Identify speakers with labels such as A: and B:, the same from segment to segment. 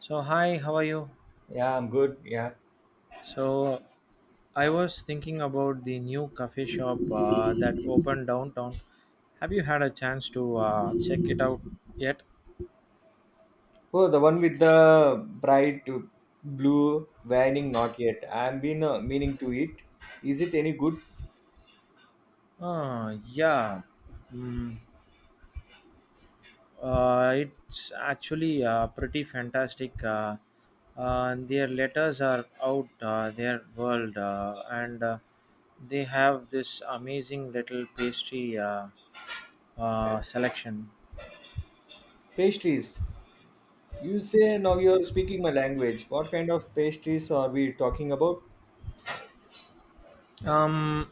A: So hi, how are you?
B: Yeah, I'm good. Yeah.
A: So I was thinking about the new coffee shop that opened downtown. Have you had a chance to check it out yet?
B: Oh, the one with the bright blue vining, not yet. I've been meaning to eat. Is it any good
A: Yeah, mm, it's actually pretty fantastic. Their letters are out, their world, and they have this amazing little pastry selection.
B: pastries? You say now you're speaking my language. What kind of pastries are we talking about?
A: Um,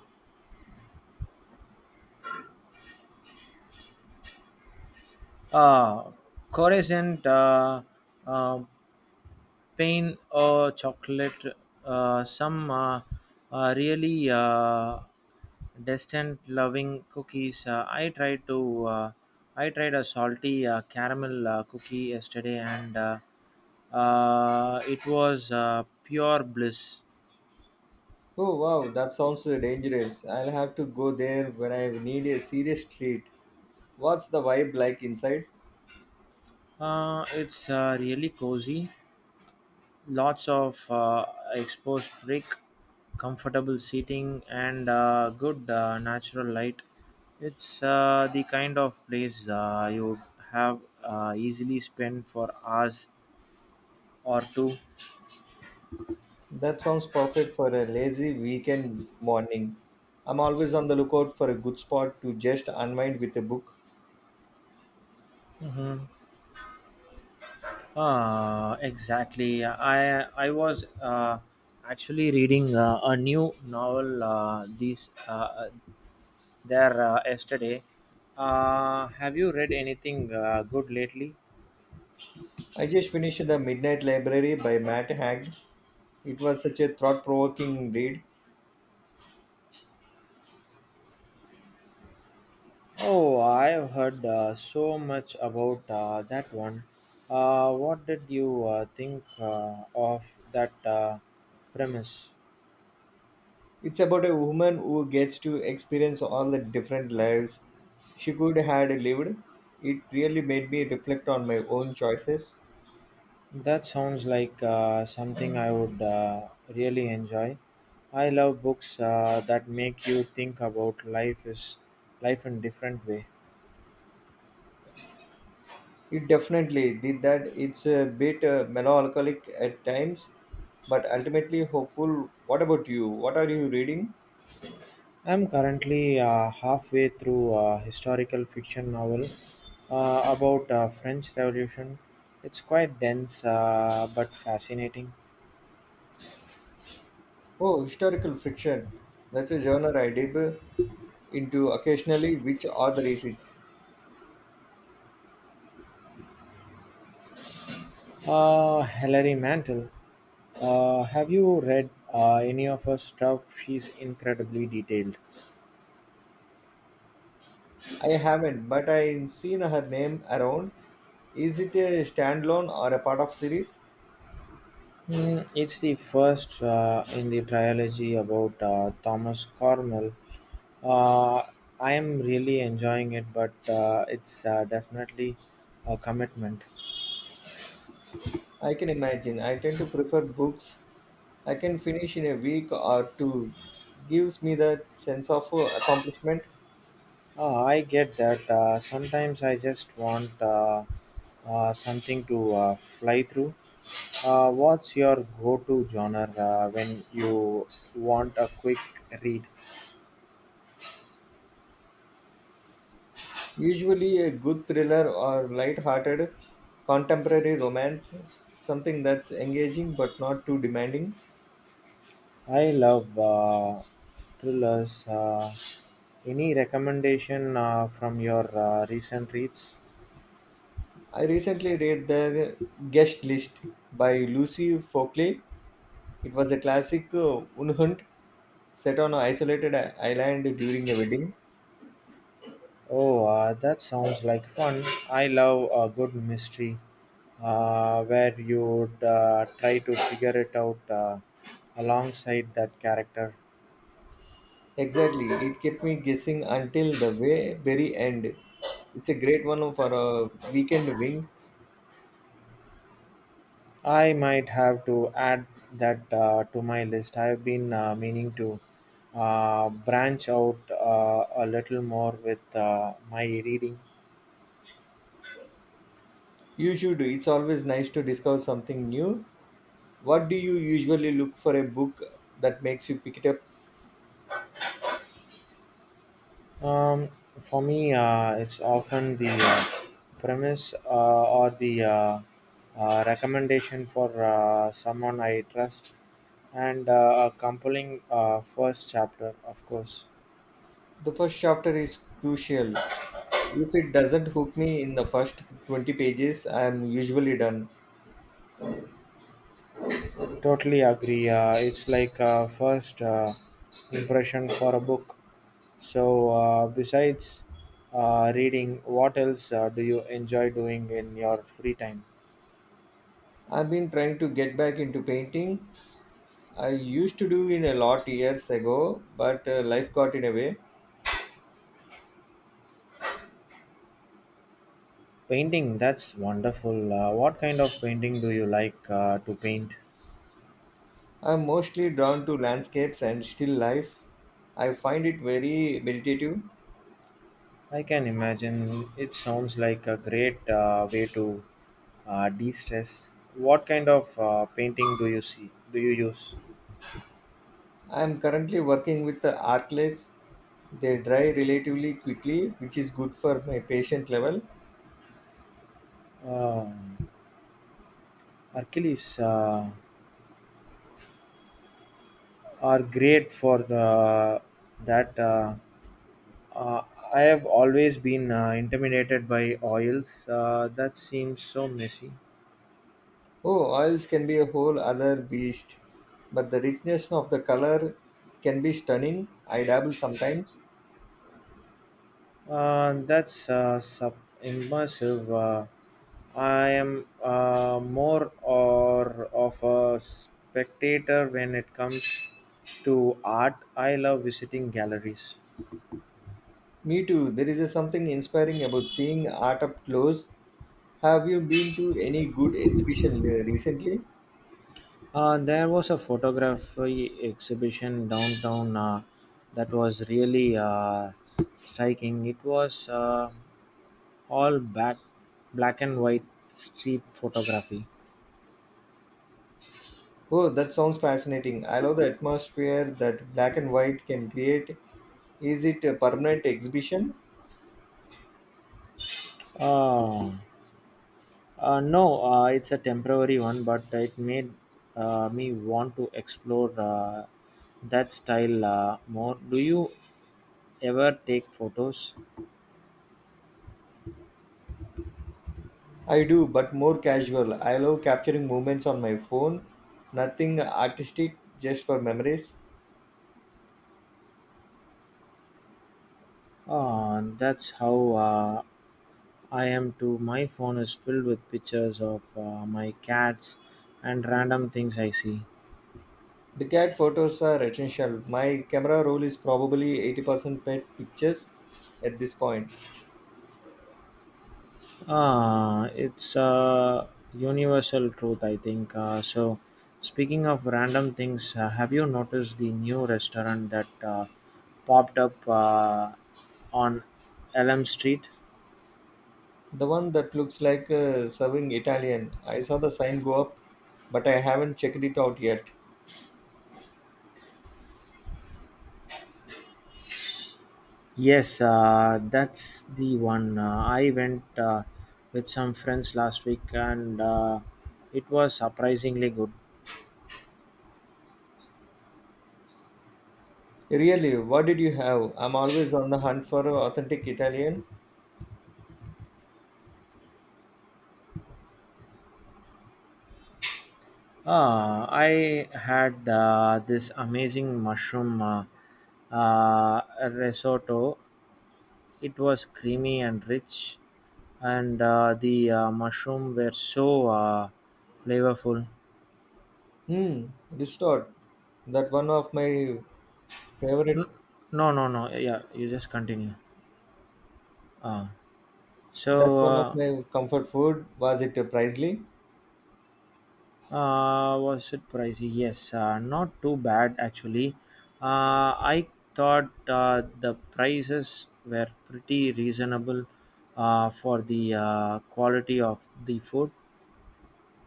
A: Uh, Coruscant, uh, pain or chocolate, some really distant loving cookies. I tried a salty caramel cookie yesterday, and it was pure bliss.
B: Oh, wow, that sounds dangerous. I'll have to go there when I need a serious treat. What's the vibe like inside?
A: It's really cozy, lots of exposed brick, comfortable seating, and good natural light. It's the kind of place you would have easily spend for hours or two.
B: That sounds perfect for a lazy weekend morning. I'm always on the lookout for a good spot to just unwind with a book.
A: Mm-hmm. Exactly. I was actually reading a new novel these there yesterday. Have you read anything good lately?
B: I just finished The Midnight Library by Matt Haig. It was such a thought provoking read.
A: Oh, I've heard so much about that one. What did you think of that premise?
B: It's about a woman who gets to experience all the different lives she could had lived. It really made me reflect on my own choices.
A: That sounds like something I would really enjoy. I love books that make you think about life is life in different way.
B: It definitely did that. It's a bit melancholic at times, but ultimately hopeful. What about you? What are you reading?
A: I'm currently halfway through a historical fiction novel about French Revolution. It's quite dense but fascinating.
B: Oh, historical fiction. That's a genre I dip into occasionally. Which author is it?
A: Hilary Mantel. Have you read any of her stuff? She's incredibly detailed.
B: I haven't, but I have seen her name around. Is it a standalone or a part of series?
A: Hmm, it's the first in the trilogy about Thomas Cornell. Uh, I am really enjoying it, but it's definitely a commitment.
B: I can imagine. I tend to prefer books. I can finish in a week or two. Gives me that sense of accomplishment.
A: I get that. Sometimes I just want something to fly through. What's your go to genre when you want a quick read?
B: Usually a good thriller or light-hearted contemporary romance, something that's engaging but not too demanding.
A: I love thrillers. Any recommendation from your recent reads?
B: I recently read The Guest List by Lucy Fockley. It was a classic unhunt set on an isolated island during a wedding.
A: Oh, that sounds like fun. I love a good mystery where you would try to figure it out alongside that character.
B: Exactly, it kept me guessing until the way very end. It's a great one for a weekend wing.
A: I might have to add that to my list. I've been meaning to branch out a little more with my reading.
B: You should. It's always nice to discover something new. What do you usually look for a book that makes you pick it up?
A: Um, for me, it's often the premise or the recommendation for someone I trust and a compelling first chapter, of course.
B: The first chapter is crucial. If it doesn't hook me in the first 20 pages, I am usually done.
A: Totally agree. It's like a first impression for a book. So, besides reading, what else do you enjoy doing in your free time?
B: I've been trying to get back into painting. I used to do in a lot years ago, but life got in a way.
A: Painting, that's wonderful. What kind of painting do you like to paint?
B: I'm mostly drawn to landscapes and still life. I find it very meditative.
A: I can imagine it sounds like a great way to de stress. What kind of painting do you see? Do you use?
B: I'm currently working with the artlets. They dry relatively quickly, which is good for my patient level.
A: Uh, Hercules are great for that. Uh, I have always been intimidated by oils. That seems so messy.
B: Oh, oils can be a whole other beast, but the richness of the color can be stunning. I dabble sometimes.
A: That's sub immersive. I am more or of a spectator when it comes to art. I love visiting galleries.
B: Me too. There is a something inspiring about seeing art up close. Have you been to any good exhibition recently?
A: There was a photography exhibition downtown that was really striking. It was all back, black and white street photography.
B: Oh, that sounds fascinating. I love the atmosphere that black and white can create. Is it a permanent exhibition?
A: Uh, no, it's a temporary one, but it made me want to explore that style more. Do you ever take photos?
B: I do, but more casual. I love capturing moments on my phone. Nothing artistic, just for memories.
A: That's how I am too. My phone is filled with pictures of my cats and random things I see.
B: The cat photos are essential. My camera roll is probably 80% pet pictures at this point.
A: Ah, it's a universal truth, I think. So, speaking of random things, have you noticed the new restaurant that popped up on Elm Street?
B: The one that looks like serving Italian. I saw the sign go up, but I haven't checked it out yet.
A: Yes, that's the one. I went with some friends last week and it was surprisingly good.
B: Really, what did you have? I'm always on the hunt for authentic Italian.
A: Ah, I had this amazing mushroom uh, risotto. It was creamy and rich, and the mushroom were so flavorful.
B: Hmm, restored. That one of my
A: N-
B: favorite.
A: no, no, no. Yeah, yeah, you just continue. Uh, so,
B: That's one of
A: uh,
B: my comfort food. Was it pricely?
A: was it pricey? Yes, not too bad actually. I thought the prices were pretty reasonable for the quality of the food.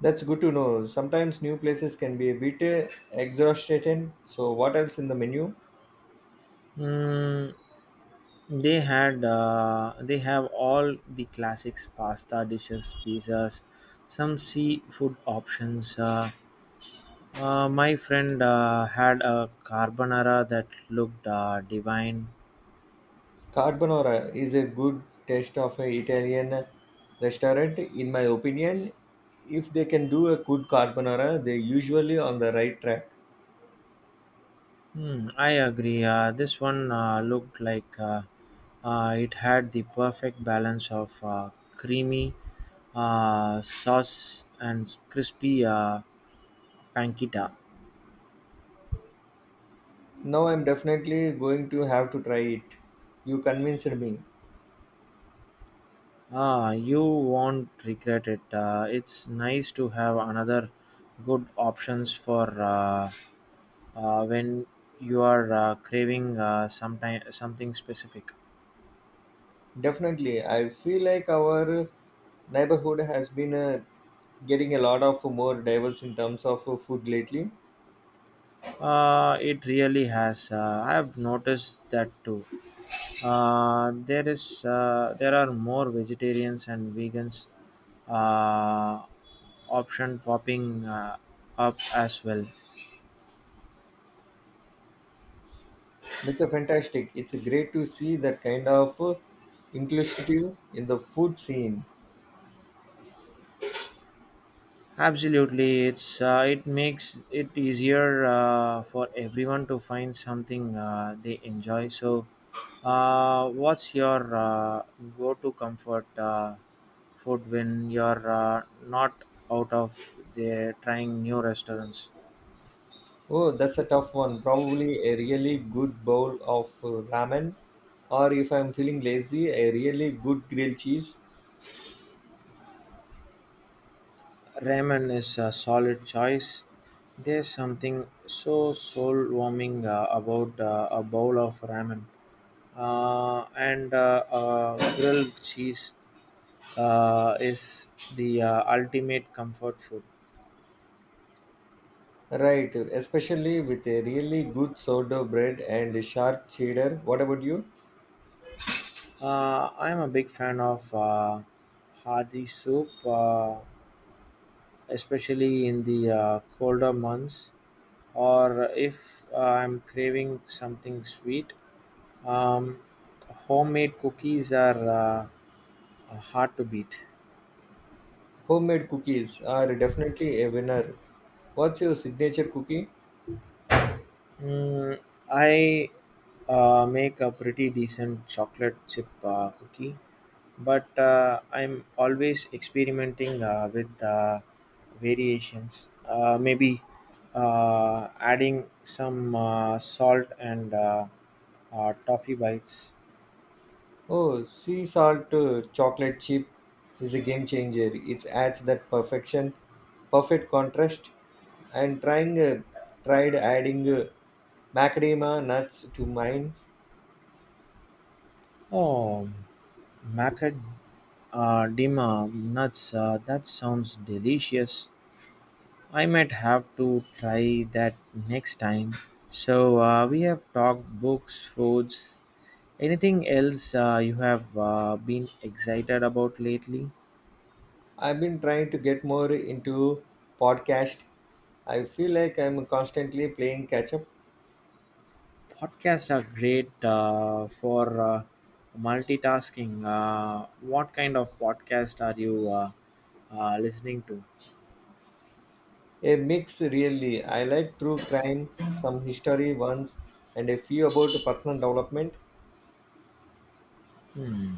B: That's good to know. Sometimes new places can be a bit exhausting. So what else in the menu?
A: Mm, they have all the classics: pasta dishes, pizzas, some seafood options. My friend had a carbonara that looked divine.
B: Carbonara is a good taste of an Italian restaurant, in my opinion. If they can do a good carbonara, they're usually on the right track.
A: Hmm, I agree. This one looked like it had the perfect balance of creamy sauce and crispy pancetta.
B: Now I'm definitely going to have to try it. You convinced me.
A: Ah, you won't regret it. It's nice to have another good options for when you are craving something specific.
B: Definitely. I feel like our neighborhood has been getting a lot of more diverse in terms of food lately.
A: It really has. I have noticed that too. There are more vegetarians and vegans uh, option popping up as well.
B: That's a fantastic. It's great to see that kind of inclusivity in the food scene.
A: Absolutely, it's it makes it easier for everyone to find something they enjoy. So, what's your go-to comfort food when you're not out of there trying new restaurants?
B: Oh, that's a tough one. Probably a really good bowl of ramen, or if I'm feeling lazy, a really good grilled cheese.
A: Ramen is a solid choice. There's something so soul-warming about a bowl of ramen, and grilled cheese is the ultimate comfort food.
B: Right, especially with a really good sourdough bread and a sharp cheddar. What about you?
A: I'm a big fan of hearty soup, especially in the colder months, or if I'm craving something sweet. Um, Homemade cookies are hard to beat.
B: Homemade cookies are definitely a winner. What's your signature cookie?
A: Mm, I make a pretty decent chocolate chip cookie, but I'm always experimenting with variations. Maybe adding some salt and toffee bites.
B: Oh, sea salt chocolate chip is a game changer. It adds that perfection, perfect contrast. And trying tried adding macadamia nuts to mine.
A: Oh, macad nuts. That sounds delicious. I might have to try that next time. So we have talked books, foods. Anything else you have been excited about lately?
B: I've been trying to get more into podcast. I feel like I'm constantly playing catch up.
A: Podcasts are great for multitasking. What kind of podcast are you listening to?
B: A mix, really. I like true crime, some history ones, and a few about personal development.
A: Hmm.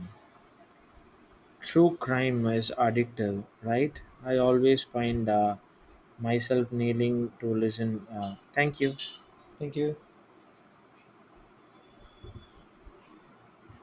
A: True crime is addictive, right? I always find myself kneeling to listen. Thank you.
B: Thank you.